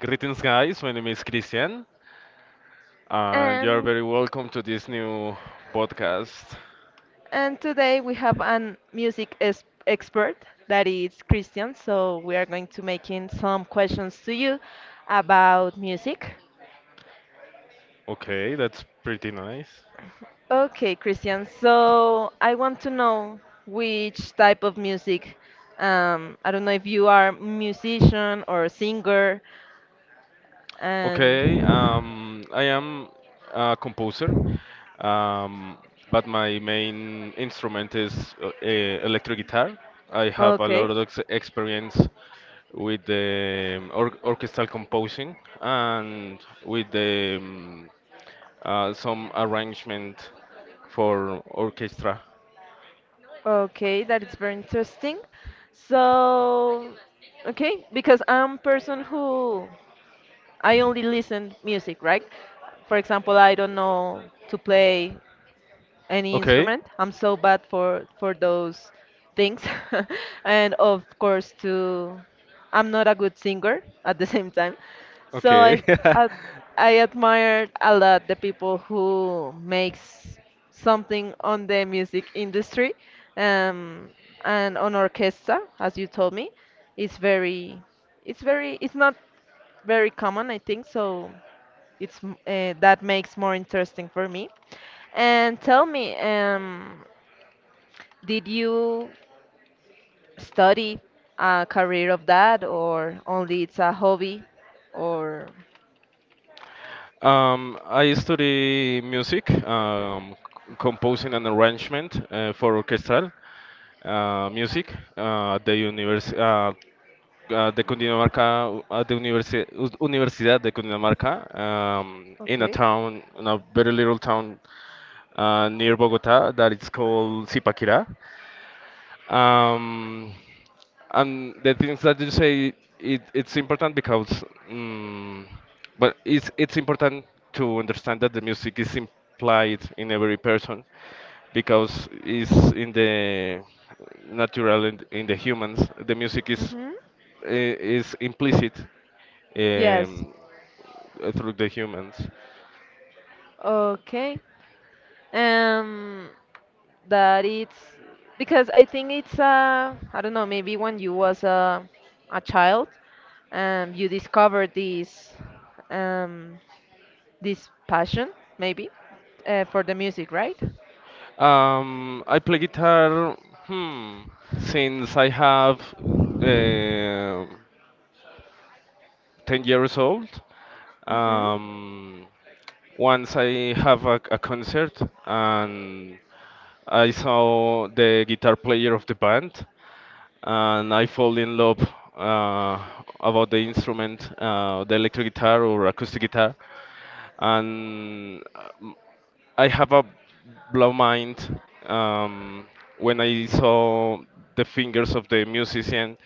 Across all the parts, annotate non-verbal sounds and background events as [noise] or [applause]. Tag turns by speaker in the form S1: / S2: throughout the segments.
S1: Greetings, guys. My name is Christian, and you're
S2: and
S1: very welcome to this new podcast.
S2: and today we have an expert that is Christian. So we are going to making some questions to you about music.
S1: Okay, that's pretty nice.
S2: Okay, Christian. So I want to know which type of music. I don't know if you are musician or singer, and
S1: Okay, I am a composer, um, but my main instrument is electric guitar. I have a lot
S2: okay.
S1: of experience with the orchestral composing and with the some arrangement for orchestra.
S2: Okay, that is very interesting. So, okay, because I'm a person who I only listen music, right? For example, I don't know to play any
S1: Okay.
S2: instrument. I'm so bad for those things. [laughs] And of course to I'm not a good singer at the [laughs] same time. So
S1: Okay.
S2: I
S1: [laughs]
S2: I, I admire a lot the people who makes something on the music industry um, and on orchestra, as you told me. It's very it's not very common, I think. So it's that makes more interesting for me. And tell me, did you study a career of that, or only it's a hobby, or
S1: I study music, composing and arrangement for orchestral music at the univers de Cundinamarca at Universidad de Cundinamarca in a
S2: okay?
S1: town, in a very little town near Bogota that is called Zipaquirá. Um, and the things that you say, it's important because, um, but it's important to understand that the music is implied in every person because it's in the natural in the humans. The music is
S2: Mm-hmm.
S1: i- is implicit
S2: Yes.
S1: um, through the humans.
S2: Okay. Um, that it's because I think it's I don't know, maybe when you was a child, you discovered this um this passion maybe for the music, right?
S1: I play guitar, hmm, since I have uh, 10 years old.
S2: Mm-hmm.
S1: Um, Once I have a concert and I saw the guitar player of the band, and I fall in love uh, about the instrument, the electric guitar or acoustic guitar, and I have a blow mind um, when I saw the fingers of the musician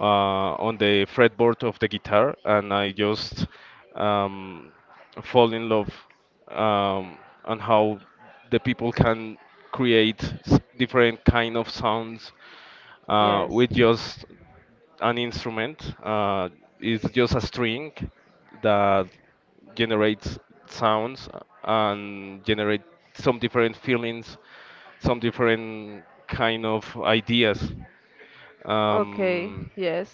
S1: uh, on the fretboard of the guitar, and I just um, fall in love um, on how the people can create different kind of sounds
S2: Yes.
S1: with just an instrument. It's just a string that generates sounds and generate some different feelings, some different kind of ideas.
S2: Okay,
S1: Um,
S2: yes.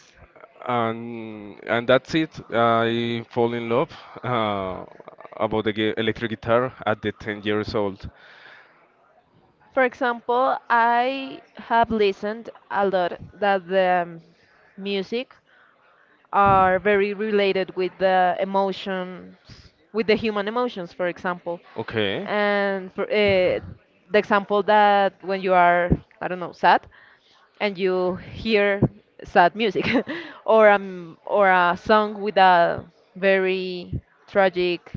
S1: and that's it. I fall in love uh, about the electric guitar at the 10 years old.
S2: For example, I have listened a lot that the music are very related with the emotions, with the human emotions, for example.
S1: Okay.
S2: And for, the example that when you are, I don't know, sad, and you hear sad music, [laughs] or a song with a very tragic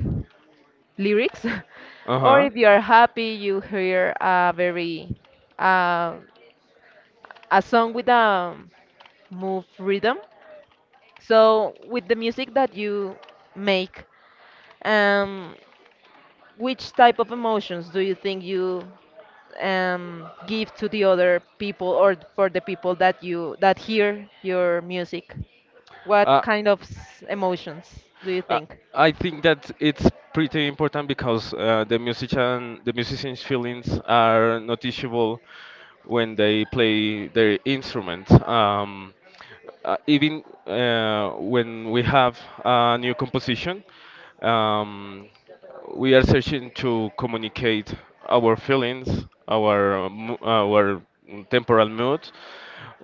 S2: lyrics, [laughs] or
S1: Uh-huh.
S2: if you are happy, you hear a very uh, a song with a move rhythm so, with the music that you make, um, which type of emotions do you think you give to the other people or for the people that you that hear your music? What
S1: Uh,
S2: kind of emotions do you
S1: Uh,
S2: think?
S1: I think that it's pretty important because the musician, the musician's feelings are noticeable when they play their instrument. Even when we have a new composition, um, we are searching to communicate our feelings, our our temporal mood,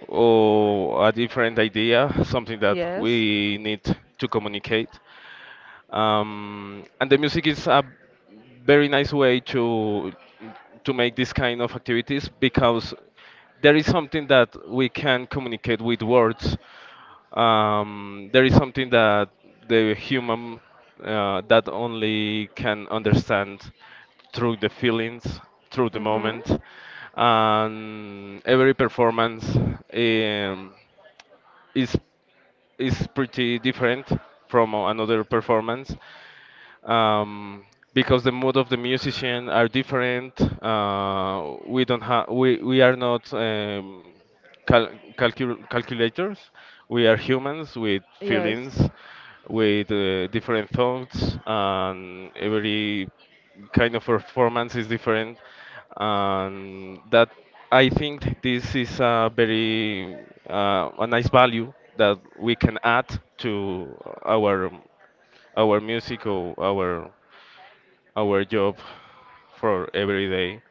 S1: or a different idea, something that
S2: Yes.
S1: we need to communicate, and the music is a very nice way to make this kind of activities, because there is something that we can communicate with words, there is something that the human that only can understand through the feelings, through the
S2: Hmm.
S1: moment, and every performance. Um, is is pretty different from another performance, um, because the mood of the musician are different. We don't have we are not cal- calculators. We are humans with
S2: Yes.
S1: feelings, with different thoughts, and every kind of performance is different. And that, I think this is a very a nice value that we can add to our our musical, our job for every day.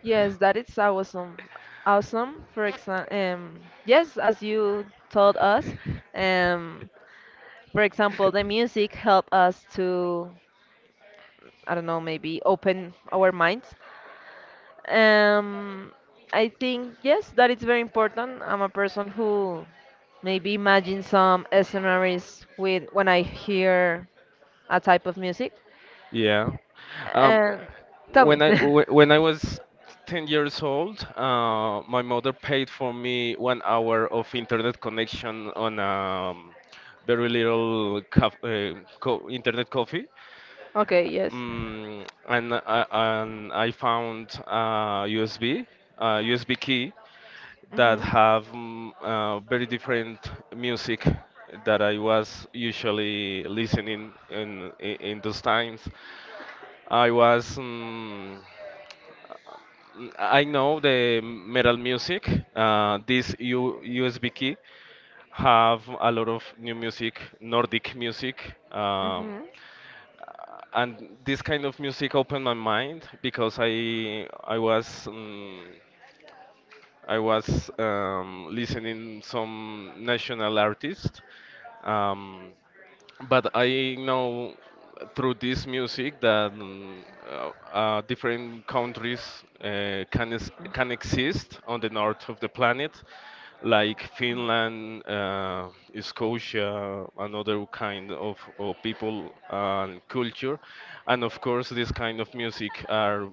S2: Yes, that is awesome. Awesome. For example, yes, as you told us, um, for example, the music help us to, I don't know, maybe open our minds. Um, I think yes, that is very important. I'm a person who maybe imagine some scenarios with when I hear a type of music.
S1: Yeah. Um,
S2: And tell me.
S1: when
S2: [laughs]
S1: I wh- when I was 10 years old, my mother paid for me 1 hour of internet connection on very little caf co internet coffee.
S2: Okay, yes.
S1: And I found a USB, a USB key that
S2: Mhm.
S1: have very different music that I was usually listening in, those times. I was mm, I know the metal music. This U USB key have a lot of new music, Nordic music. Um,
S2: Mhm.
S1: and this kind of music opened my mind because I was. Listening some national artists, um, but I know through this music that different countries can exist on the north of the planet, like Finland, Scotia, another kind of people and culture. And of course, this kind of music are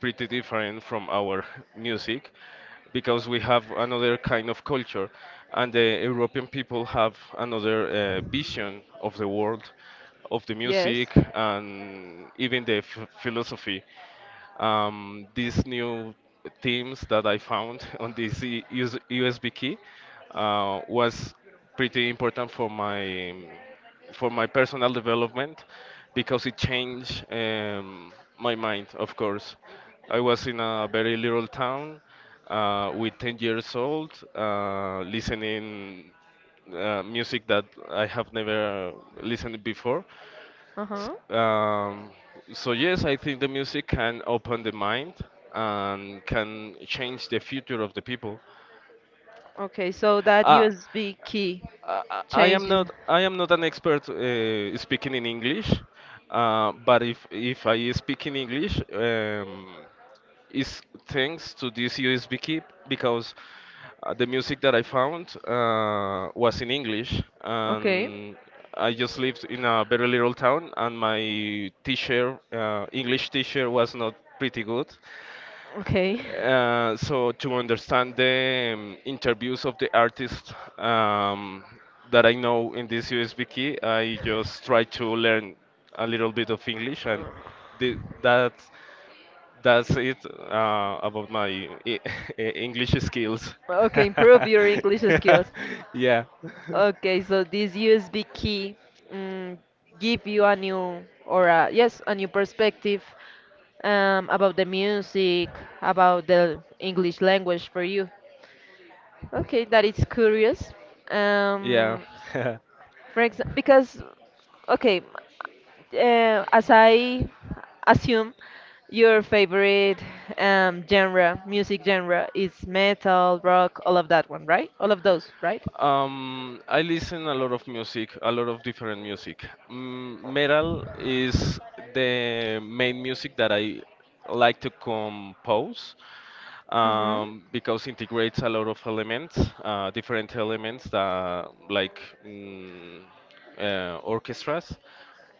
S1: pretty different from our music, because we have another kind of culture and the European people have another vision of the world, of the
S2: Yes.
S1: music, and even the philosophy, these new themes that I found [laughs] on this USB key was pretty important for my personal development, because it changed my mind. Of course, I was in a very little town with 10 years old, listening music that I have never listened before. S-
S2: Uh-huh.
S1: Um, so yes, I think the music can open the mind and can change the future of the people.
S2: Okay, so that
S1: Uh,
S2: USB key
S1: I I- I am
S2: changed.
S1: not I am not an expert speaking in English, but if I speak in English, it's thanks to this USB key, because the music that I found was in English,
S2: Okay.
S1: and I just lived in a very little town, and my teacher, English teacher, was not pretty good,
S2: Okay.
S1: so to understand the interviews of the artists, that I know in this USB key, I just try to learn a little bit of English, and
S2: [laughs]
S1: the, that that's it about my E- [laughs] English skills.
S2: Okay, improve your English skills.
S1: [laughs] yeah,
S2: Okay, so this USB key mm, give you a new or a, yes, a new perspective about the music, about the English language for you. Okay, that is curious.
S1: yeah.
S2: Um,
S1: [laughs]
S2: for example, because okay, as I assume, your favorite genre, music genre, is metal, rock, all of that one, right? All of those, right?
S1: I listen a lot of music, a lot of different music. Metal is the main music that I like to compose,
S2: Mm-hmm.
S1: because integrates a lot of elements, different elements that like orchestras,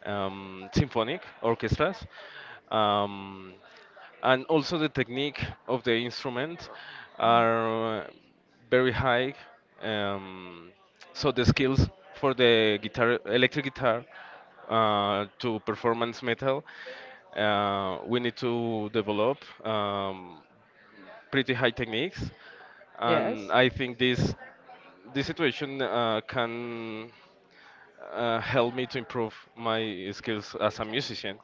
S1: symphonic orchestras. Um, and also the technique of the instrument are very high. Um, so the skills for the guitar, electric guitar, to performance metal, we need to develop um, pretty high techniques, and
S2: Yes.
S1: I think this situation can help me to improve my skills as a musician.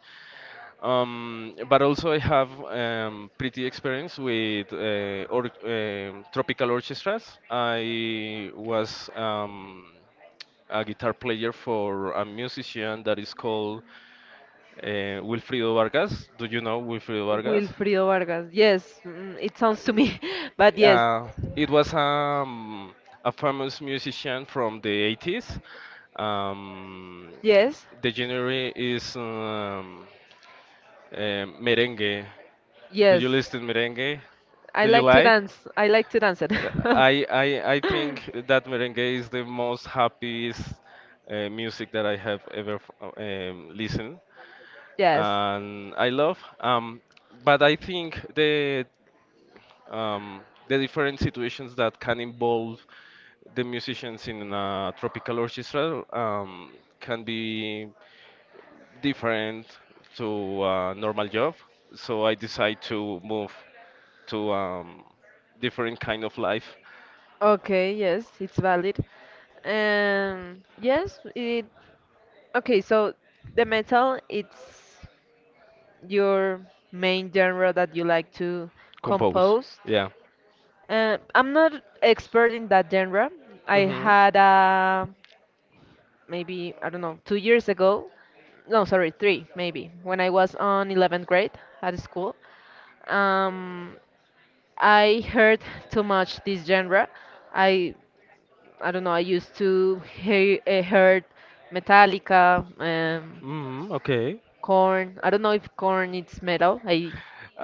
S1: But also I have pretty experience with tropical orchestras. I was a guitar player for a musician that is called Wilfrido Vargas. Do you know Wilfrido Vargas?
S2: Wilfrido Vargas. Yes, it sounds to me, [laughs] but
S1: Uh,
S2: yes,
S1: uh, it was a famous musician from the 80s. Um,
S2: yes,
S1: the genre is merengue. Do
S2: yes.
S1: you listen merengue?
S2: I
S1: Do you
S2: like to
S1: like?
S2: dance. I like to dance it.
S1: Uh,
S2: [laughs]
S1: I I I think that merengue is the most happiest music that I have ever listened,
S2: Yes.
S1: and I love. But I think um, the different situations that can involve the musicians in a tropical orchestra can be different to a normal job. So I decide to move to different kind of life.
S2: Okay. Yes, it's valid. Yes, it. Okay, so the metal it's your main genre that you like to
S1: Compose,
S2: compose.
S1: yeah.
S2: I'm not expert in that genre. I
S1: Hmm.
S2: had a maybe I don't know 2 years ago, no sorry three maybe when I was on 11th grade at school. Um, I heard too much this genre. I I don't know. I used to hear heard Metallica.
S1: Mm, okay.
S2: Corn. I don't know if corn is metal. I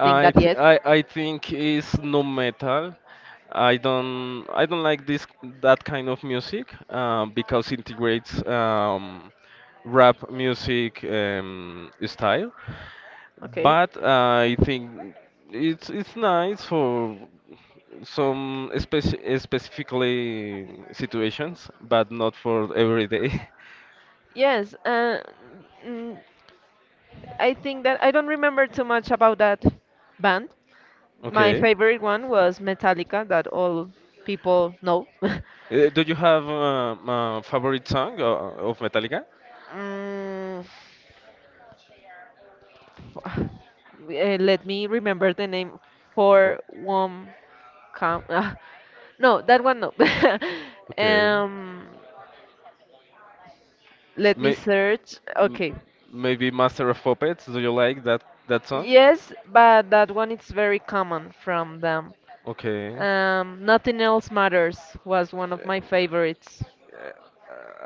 S2: think
S1: I,
S2: that
S1: th-
S2: yes.
S1: I think it's nu metal. I don't like this that kind of music, because integrates rap music style.
S2: Okay.
S1: But I think it's nice for some specifically situations, but not for every day. [laughs]
S2: Yes, mm, I think that I don't remember too much about that band. My
S1: Okay.
S2: favorite one was Metallica, that all people know. [laughs]
S1: Do you have a favorite song of Metallica?
S2: Mm, f- let me remember the name
S1: O-
S2: for one count. [laughs] No, that one no. [laughs]
S1: Okay.
S2: um, let me
S1: May
S2: search.
S1: m-
S2: Okay.
S1: Maybe Master of Puppets. Do you like that song?
S2: Yes, but that one is very common from them.
S1: Okay.
S2: Nothing Else Matters was one of my favorites.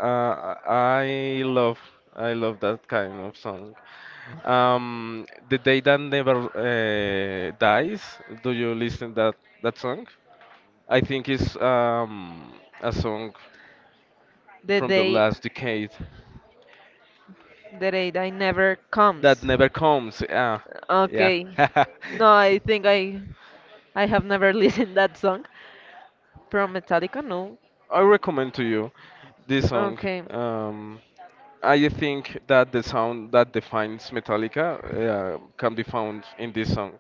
S1: Uh, I love that kind of song. The day that never dies. Do you listen that song? I think it's a song
S2: The
S1: from the
S2: day
S1: last decade
S2: the day that never comes.
S1: that never comes. Ah, yeah.
S2: Okay.
S1: [laughs]
S2: No, I think I have never [laughs] listened that song from Metallica. No.
S1: I recommend to you this song.
S2: Okay.
S1: Um, I think that the sound that defines Metallica can be found in this song.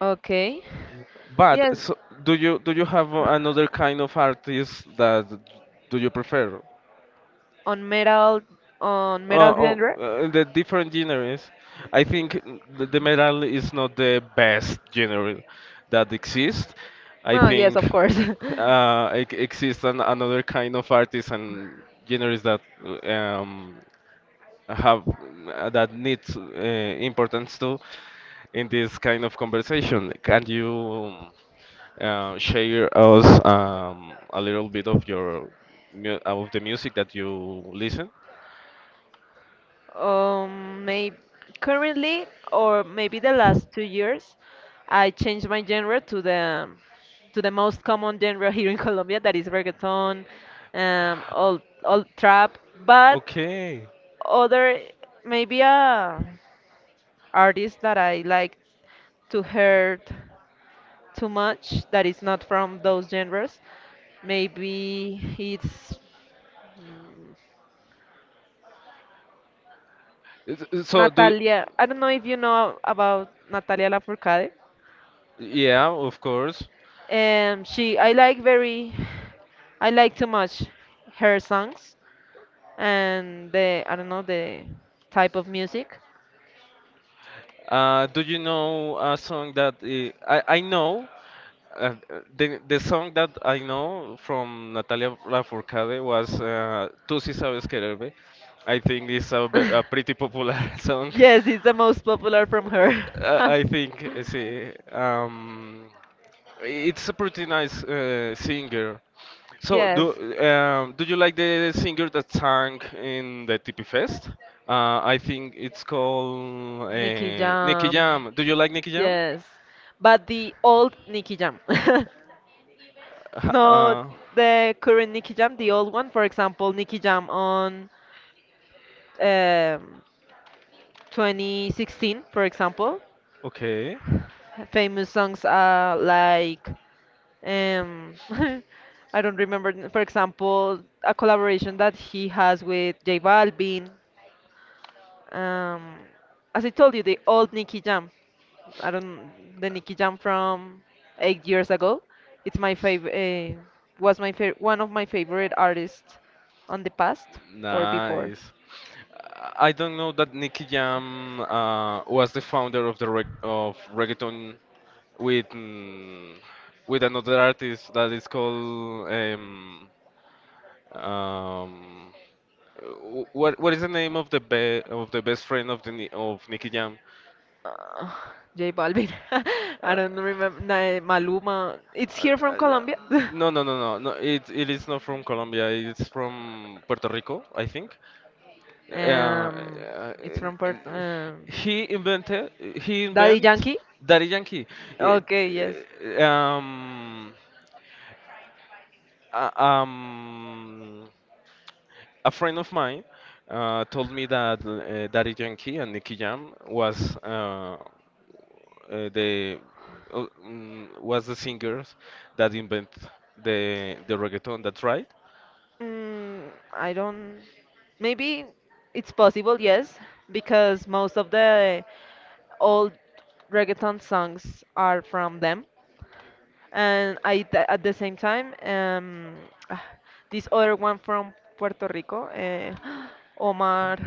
S2: Okay.
S1: But
S2: Yes,
S1: so, do you have another kind of artist that do you prefer?
S2: on metal on metal
S1: Oh,
S2: genre.
S1: oh, the different genres. I think the metal is not the best genre that exists. I
S2: No, yes,
S1: think
S2: of course. [laughs]
S1: it exists another kind of artists and genres that um, have that needs importance too in this kind of conversation. Can you share us a little bit of of the music that you listen?
S2: Maybe currently or maybe the last 2 years, I changed my genre to the most common genre here in [laughs] Colombia that is reggaeton, old old trap, but
S1: Okay.
S2: other maybe a artist that I like to hear too much that is not from those genres. Maybe it's
S1: So do
S2: Natalia, I don't know if you know about Natalia Lafourcade.
S1: yeah, of course.
S2: She, I like very, I like too much her songs and the, I don't know, the type of music.
S1: Do you know a song that I know uh, the song that I know from Natalia Lafourcade was "Tú sí sabes quererme." I think it's a
S2: [laughs]
S1: pretty popular [laughs] song.
S2: Yes, it's the most popular from
S1: [laughs]
S2: her.
S1: I,
S2: [laughs]
S1: I think, sí. It's a pretty nice singer. So,
S2: Yes,
S1: do you like the singer that sang in the TP Fest? I think it's called
S2: Nicky
S1: Nicky
S2: Jam.
S1: Jam. Do you like Nicky Jam?
S2: Yes, but the old Nicky Jam. [laughs]
S1: Ha-
S2: No,
S1: Uh,
S2: the current Nicky Jam, the old one, for example, Nicky Jam on um, 2016, for example.
S1: okay,
S2: Famous songs are like, um, [laughs] I don't remember, for example, a collaboration that he has with J Balvin. Um, as I told you, the old Nicky Jam. I don't, the Nicky Jam from 8 years ago. It's my favorite, was my favorite, one of my favorite artists on the past or before.
S1: nice. I don't know that Nicky Jam was the founder of the reggaeton, with mm, with another artist that is called um, what is the name of the best friend of Nicky Jam?
S2: Uh, J Balvin. [laughs] I
S1: Uh,
S2: don't remember. Maluma. It's
S1: uh,
S2: here from
S1: uh,
S2: Colombia. [laughs]
S1: no, no, no, no, no. It is not from Colombia. It's from Puerto Rico, I think. Uh,
S2: um,
S1: uh,
S2: it's from Puerto.
S1: he invented he
S2: Daddy
S1: invent
S2: Yankee.
S1: Daddy Yankee. It-
S2: Okay, yes.
S1: uh, um, uh, um, a friend of mine told me that Daddy Yankee and Nicky Jam was uh, the the singers that invent the reggaeton. That's right.
S2: Mm, I don't. Maybe it's possible, yes, because most of the old reggaeton songs are from them. And I at the same time, ah, this other one from Puerto Rico, eh, [gasps] Omar.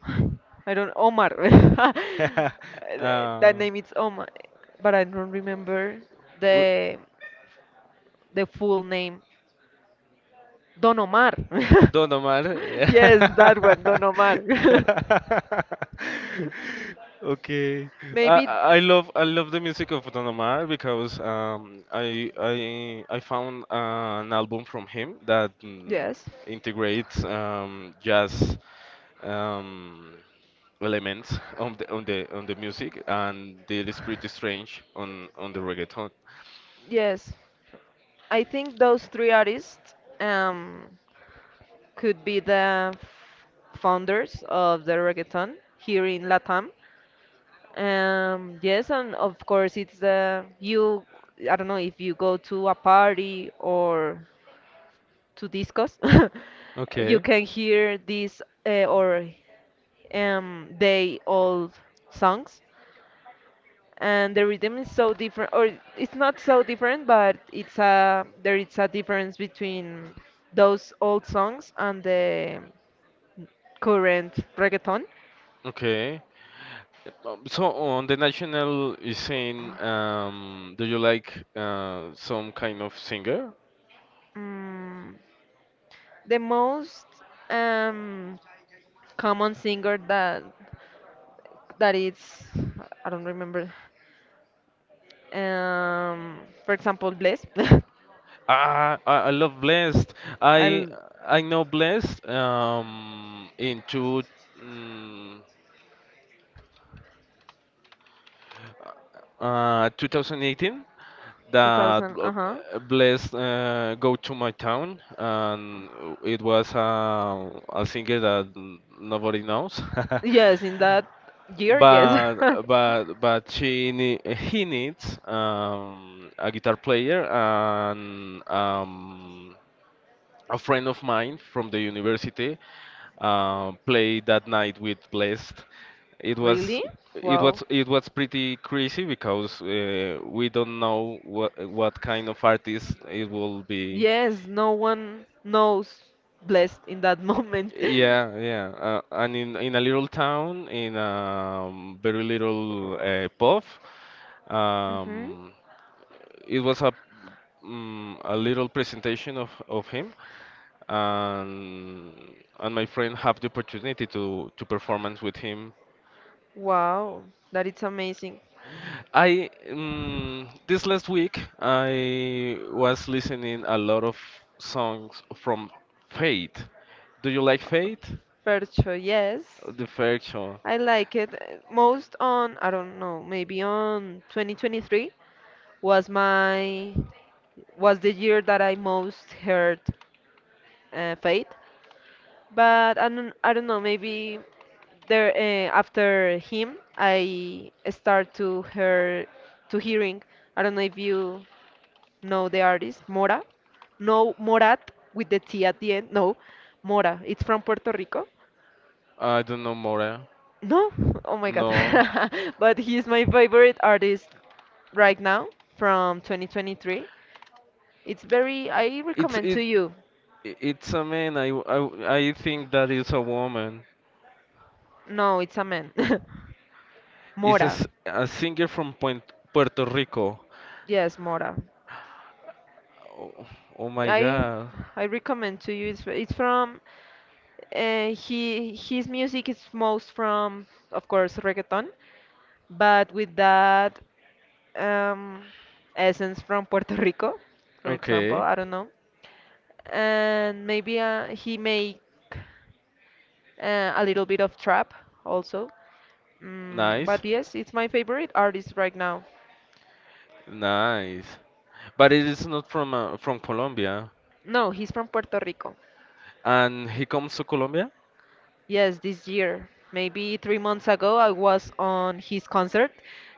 S2: [sighs] I don't Omar. [laughs]
S1: [laughs] uh,
S2: That name is Omar, but I don't remember
S1: w-
S2: the the full name. Don Omar. [laughs]
S1: Don Omar. [laughs]
S2: Yes, that one, Don Omar. [laughs]
S1: Okay. I
S2: Maybe
S1: I I love I love the music of Don Omar, because I found an album from him that
S2: yes.
S1: integrates jazz um, elements on the music, and it is pretty strange on the reggaeton.
S2: Yes. I think those three artists um could be the founders of the reggaeton here in Latam. Yes, and of course it's the you. I don't know if you go to a party or to discos, [laughs] you
S1: Okay,
S2: can hear these or they all songs and the rhythm is so different or it's not so different but it's a there is a difference between those old songs and the current reggaeton
S1: okay. So on the national scene, do you like some kind of singer?
S2: mm, the most um, common singer that is I don't remember. Um, for example, Bless.
S1: Ah, I love Blessed.
S2: [laughs] I'll
S1: I I know Blessed in mm, 2018. That
S2: 2000. Uh huh.
S1: Bless go to my town, and it was a singer that nobody knows. [laughs]
S2: Yes, in that year, yes.
S1: But
S2: [laughs]
S1: but he needs a guitar player and a friend of mine from the university play that night with Blessed. It was
S2: Really?
S1: it
S2: Wow.
S1: was it was pretty crazy because we don't know what kind of artist it will be.
S2: Yes, no one knows blessed in that moment. [laughs]
S1: Yeah, yeah. And in a little town, in a very little pub,
S2: Mm-hmm.
S1: um, it was a a little presentation of him, and and my friend have the opportunity to performance with him.
S2: Wow, that is amazing.
S1: I This last week I was listening a lot of songs from Fate. Do you like Fate?
S2: Percho, yes.
S1: The Faction.
S2: I like it. Most on, I don't know, maybe on 2023 was my was the year that I most heard Faith. But I don't know, maybe there after him I start to hearing. I don't know if you know the artist Mora. No Morat with the T at the end. No, Mora. It's from Puerto Rico.
S1: I don't know more.
S2: No, [laughs] oh my God.
S1: No,
S2: [laughs] But he's my favorite artist right now from 2023. It's very, I
S1: it's
S2: recommend
S1: it
S2: to you.
S1: it's a man. I think that is a woman.
S2: No, it's a man. [laughs]
S1: It's
S2: Mora.
S1: a singer from Puerto Rico.
S2: Yes, Mora.
S1: Oh, oh my
S2: I
S1: God.
S2: I recommend to you. It's from he his music is most from of course reggaeton, but with that um, essence from Puerto Rico, for example.
S1: Okay,
S2: I don't know, and maybe he make a little bit of trap also. Mm,
S1: nice,
S2: but yes, it's my favorite artist right now.
S1: nice. But it is not from from Colombia.
S2: No, he's from Puerto Rico.
S1: And he comes to Colombia.
S2: Yes, this year. Maybe 3 months ago, I was on his concert,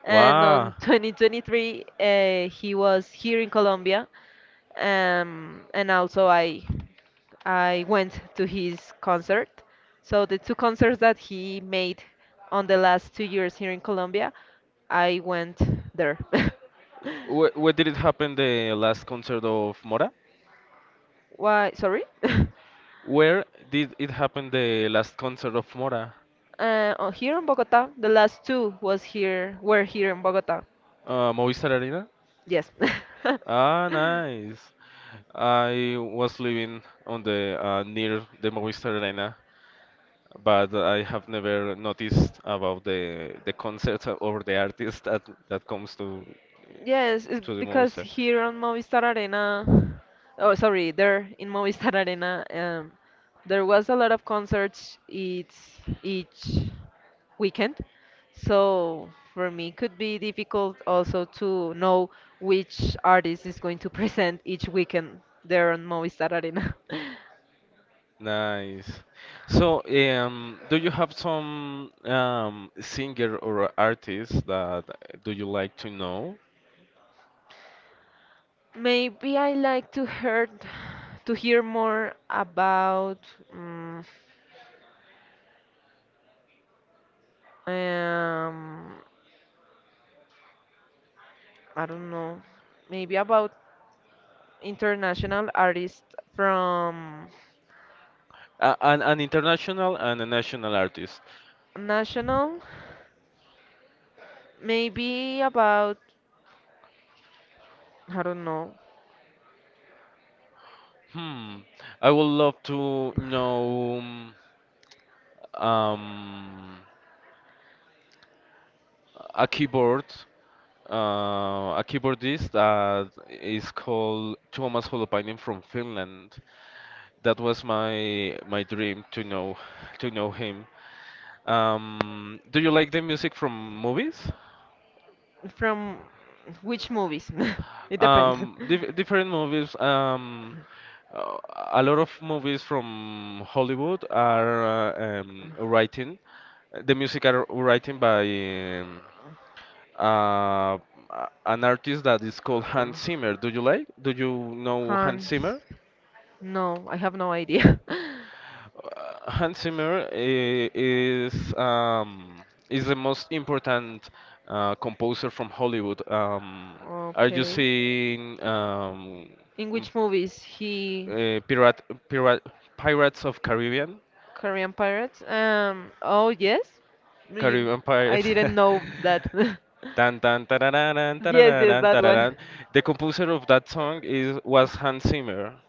S2: and on
S1: Wow.
S2: [laughs] 2023, he was here in Colombia, and also I went to his concert. So the two concerts that he made on the last 2 years here in Colombia, I went there.
S1: Where did it happen the last concert of Mora?
S2: [laughs] Why? Sorry. [laughs]
S1: Where did it happen the last concert of Mora?
S2: Oh, here in Bogota, the last two was here, were here in Bogota.
S1: Movistar Arena?
S2: Yes.
S1: Ah,
S2: [laughs]
S1: nice. I was living on the near the Movistar Arena, but I have never noticed about the concert or the artist that comes
S2: Yes, it's
S1: to the
S2: because
S1: Movistar.
S2: here on Movistar Arena, oh sorry, there in Movistar Arena, there was a lot of concerts each weekend. So for me, it could be difficult also to know which artist is going to present each weekend there on Movistar Arena. [laughs]
S1: Nice. So, do you have some singer or artist that do you like to know?
S2: Maybe I like to hear more about. mm Um, I don't know. Maybe about international artists from
S1: An international and a national artist.
S2: national. Maybe about, I don't know,
S1: Hmm. I would love to know um, a keyboard, a keyboardist that is called Tuomas Holopainen from Finland. That was my my dream to know him. Do you like the music from movies?
S2: from which movies? [laughs] It depends.
S1: Different movies. Uh, a lot of movies from Hollywood are writing. The music are writing by uh, an artist that is called Hans Zimmer. Do you like? Do you know Hans
S2: Hans.
S1: Zimmer?
S2: No, I have no idea. [laughs]
S1: Uh, Hans Zimmer is the most important composer from Hollywood. Are you
S2: Okay.
S1: seeing
S2: In
S1: m-
S2: which movies he
S1: uh, Pirate, Pirate, Pirates of Caribbean?
S2: Korean pirates. Oh yes. You-
S1: Caribbean
S2: I
S1: Pirates.
S2: didn't know
S1: [laughs]
S2: that. [laughs]
S1: Tan tan tarararán,
S2: Yes, yes,
S1: tarararán,
S2: that one.
S1: tararán. The composer of that song is was Hans Zimmer.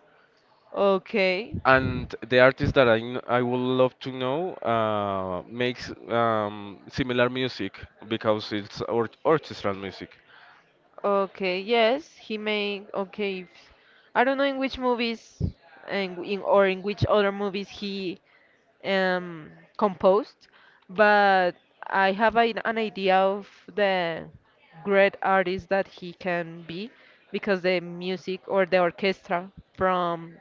S2: Okay.
S1: And the artist that I I would love to know makes similar music because it's or orchestral music.
S2: Okay. Yes, he may. Okay. If- I don't know in which movies and in or in which other movies he um composed, but I have an idea of the great artist that he can be because the music or the orchestra from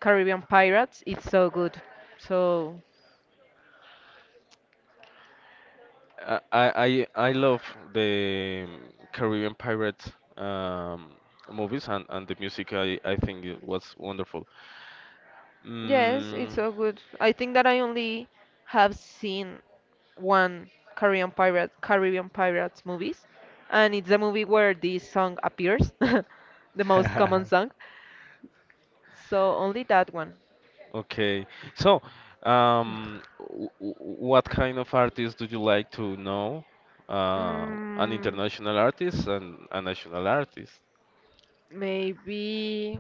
S2: Caribbean Pirates. It's so good. So
S1: I love the Caribbean Pirates um, movies, and the music I think it was wonderful.
S2: yes, it's
S1: Mm,
S2: so good. I think that I only have seen one Caribbean Pirates movies, and it's the movie where this song appears, [laughs] the most common song.
S1: [laughs]
S2: So only that one.
S1: okay, so um, w w- what kind of artists do you like to know? Uh, an
S2: Mm,
S1: international artist and a national artist?
S2: maybe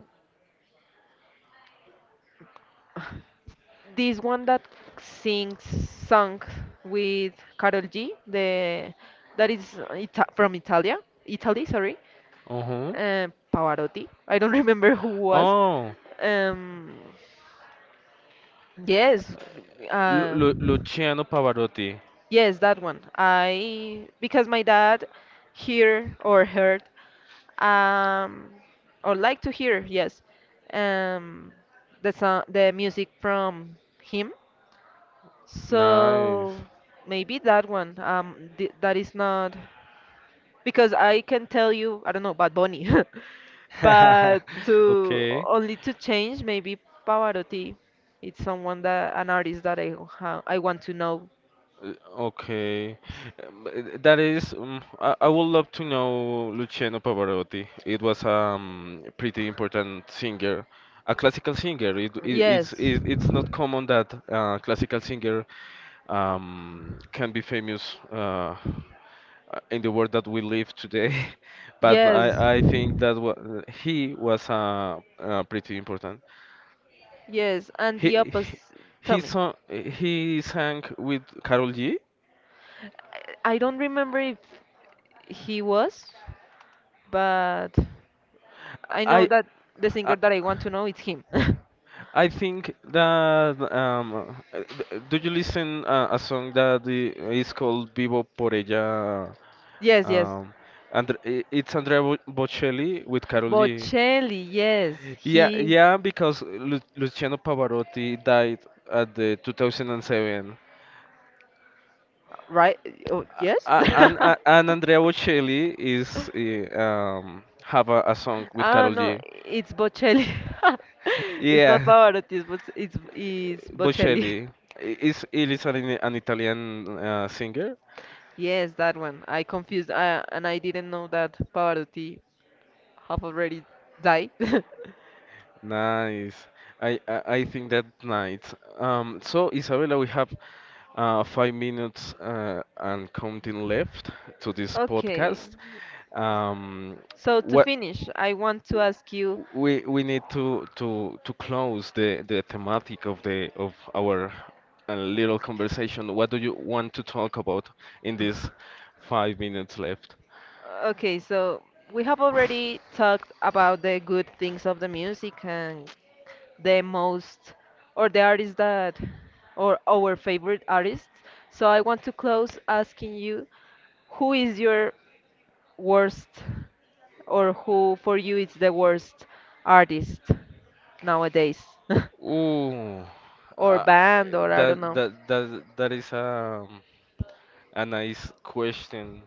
S2: [sighs] this one that sings song with Carol G, the that is Ita from Italia, Italy, sorry.
S1: Uh-huh.
S2: uh, Pavarotti. I don't [laughs] remember who was.
S1: Oh,
S2: Um, yes,
S1: Lu
S2: uh,
S1: Lu Luciano Pavarotti.
S2: yes, that one. I because my dad heard um, or like to hear yes um, the song, the music from him.
S1: Nice.
S2: So maybe that one. Th That is not. Because I can tell you, I don't know, Bad Bunny, [laughs] but
S1: [laughs]
S2: to
S1: Okay.
S2: only to change, maybe Pavarotti. It's someone that an artist that I want to know.
S1: Uh, okay. That is, I would love to know Luciano Pavarotti. It was pretty important singer, a classical singer.
S2: Yes,
S1: It's not common that classical singer can be famous in the world that we live today. [laughs] But
S2: yes,
S1: I think that wa he was pretty important.
S2: yes, and the
S1: He
S2: opposite. Tell
S1: he
S2: me,
S1: sang he sang with Carol G.
S2: I don't remember if he was, but I know
S1: I
S2: that the
S1: I,
S2: singer that I want to know is him. [laughs]
S1: I think that do you listen a song that is called Vivo por ella?
S2: Yes, yes.
S1: Um, and it's Bocelli with Carol G.
S2: Bocelli, yes,
S1: Yeah,
S2: he.
S1: yeah, because Lu Luciano Pavarotti died at the 2007,
S2: Right? Oh, yes? [laughs]
S1: and Andrea Bocelli is have a song with
S2: Ah,
S1: Carol
S2: no,
S1: G.
S2: it's Bocelli. [laughs] It's not
S1: Yeah,
S2: Pavarotti, it's, it's Bocelli. [laughs]
S1: Bocelli I- is it is an Italian singer.
S2: Yes, that one. And I didn't know that Pavarotti have already died. [laughs]
S1: Nice. I think that nice. So Isabella, we have 5 minutes and counting left to this
S2: Okay,
S1: podcast. Um,
S2: so to
S1: what?
S2: finish, I want to ask you.
S1: We need to close the thematic of the of our little conversation. What do you want to talk about in these 5 minutes left?
S2: Okay, so we have already talked about the good things of the music and the most or the artists that or our favorite artists. So I want to close asking you, who is your worst, or who for you is the worst artist nowadays? [laughs]
S1: Ooh,
S2: Or
S1: uh,
S2: band or I don't
S1: that
S2: know.
S1: that that that is a nice question,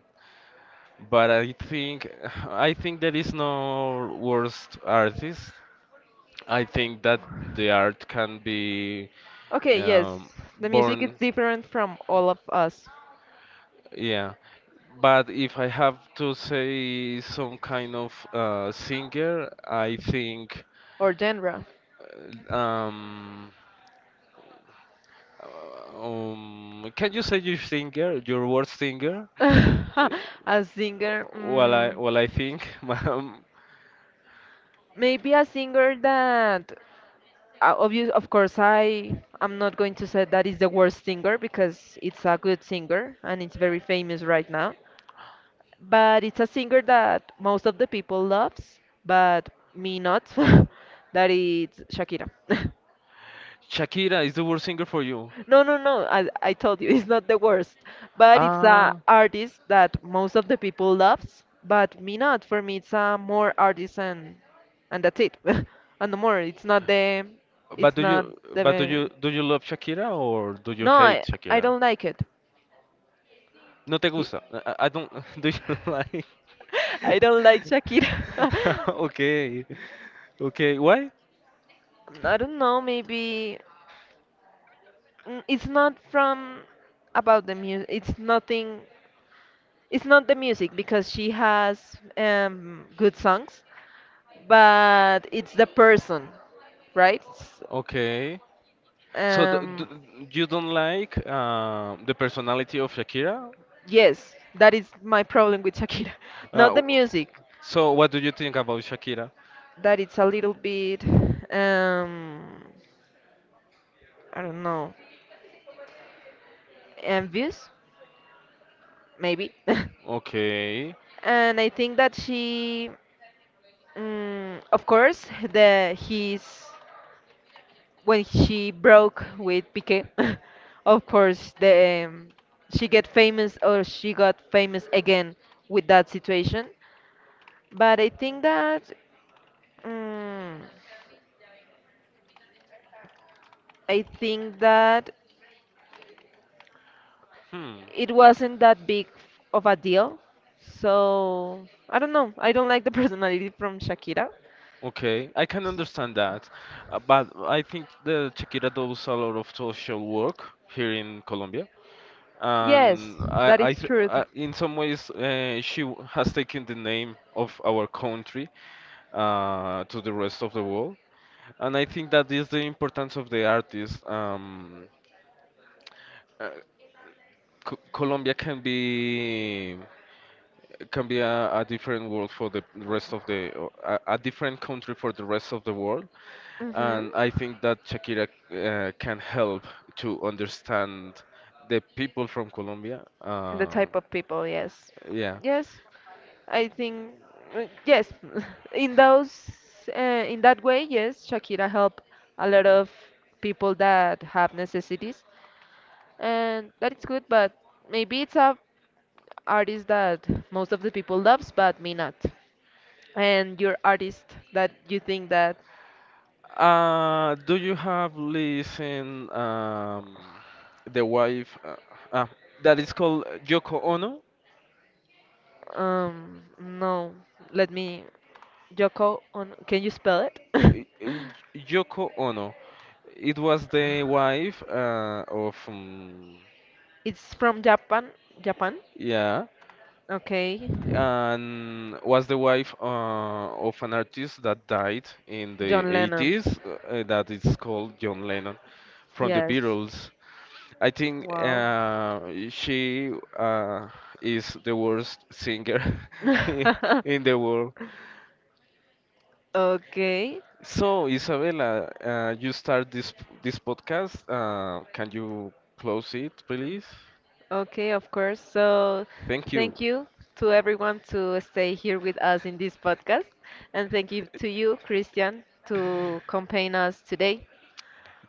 S1: but I think [laughs] I think there is no worst artist. I think that the art can be
S2: Okay, yes,
S1: um,
S2: the music is
S1: born,
S2: different from all of us,
S1: yeah. But if I have to say some kind of singer, I think.
S2: or genre.
S1: uh, Um, can you say your singer, your worst singer? Uh,
S2: [laughs] A singer,
S1: Well, I
S2: mm,
S1: well I think, [laughs] ma'am,
S2: maybe a singer that, obvious, of course, I I'm not going to say that is the worst singer because it's a good singer and it's very famous right now. But it's a singer that most of the people loves, but me not. [laughs] That is Shakira. [laughs]
S1: Shakira is the worst singer for you.
S2: No, no, no. I told you, [laughs] it's not the worst. But it's a
S1: Ah,
S2: artist that most of the people loves, but me not. For me, it's a more artist and that's it. [laughs] And no more. It's not the.
S1: but
S2: It's
S1: do you
S2: not
S1: but
S2: the.
S1: do you love Shakira or do you
S2: No,
S1: hate
S2: I
S1: Shakira?
S2: don't like it.
S1: No te
S2: Y-
S1: gusta. I don't. [laughs] Do you like? [laughs]
S2: [laughs] I don't like Shakira.
S1: Okay, okay. Why?
S2: [laughs] I don't know. Maybe it's not from about the music. It's nothing. It's not the music because she has good songs, but it's the person, right? S-
S1: Okay. So d d
S2: Um,
S1: you don't like the personality of Shakira?
S2: yes, that is my problem with Shakira, [laughs] not
S1: Uh,
S2: the
S1: w-
S2: music.
S1: so what do you think about Shakira?
S2: That it's a little bit, um, I don't know, envious, maybe.
S1: Okay.
S2: [laughs] And I think that she, mm of course, the his when she broke with Piqué, [laughs] of course the she get famous or she got famous again with that situation. But I think that, mm, I think that
S1: Hmm.
S2: it wasn't that big of a deal. So I don't know. I don't like the [laughs] personality from Shakira.
S1: Okay. I can understand that. But I think that Shakira does a lot of social work here in Colombia.
S2: Yes,
S1: And
S2: that is truth.
S1: I in some ways, has taken the name of our country to the rest of the world. And I think that is the importance of the artist. Uh, Colombia can be a different world for the rest of a different country for the rest of the world,
S2: Hmm.
S1: and I think that Shakira can help to understand the people from Colombia.
S2: The type of people, yes.
S1: Yeah.
S2: Yes, I think yes. [laughs] In those in that way, yes, Shakira helped a lot of people that have necessities, and that is good, but maybe it's a artist that most of the people loves, but me not. And your artist that you think that,
S1: Do you have listen the wife uh, that is called Yoko Ono?
S2: no, let me, Yoko on, can you spell it?
S1: Y- y-
S2: [laughs]
S1: Yoko Ono. It was the wife of
S2: It's from Japan, Japan.
S1: yeah,
S2: Okay,
S1: and was the wife of an artist that died in the
S2: John Lennon.
S1: 80s that is called John Lennon from the
S2: Yes.
S1: Beatles. I think
S2: Wow.
S1: she uh, is the worst singer [laughs] in
S2: [laughs]
S1: the world.
S2: Okay.
S1: So, Isabella, you start this this podcast. Can you close it, please?
S2: Okay, of course. So,
S1: Thank you.
S2: thank you to everyone to stay here with us in this podcast, and thank you to you, Christian, to campaign us today.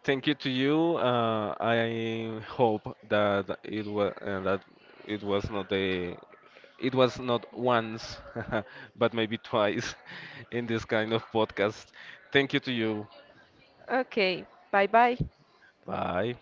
S1: Thank you to you. I hope that it was not a it was not once, [laughs] but maybe twice [laughs] in this kind of podcast. Thank you to you.
S2: Okay, bye bye.
S1: Bye.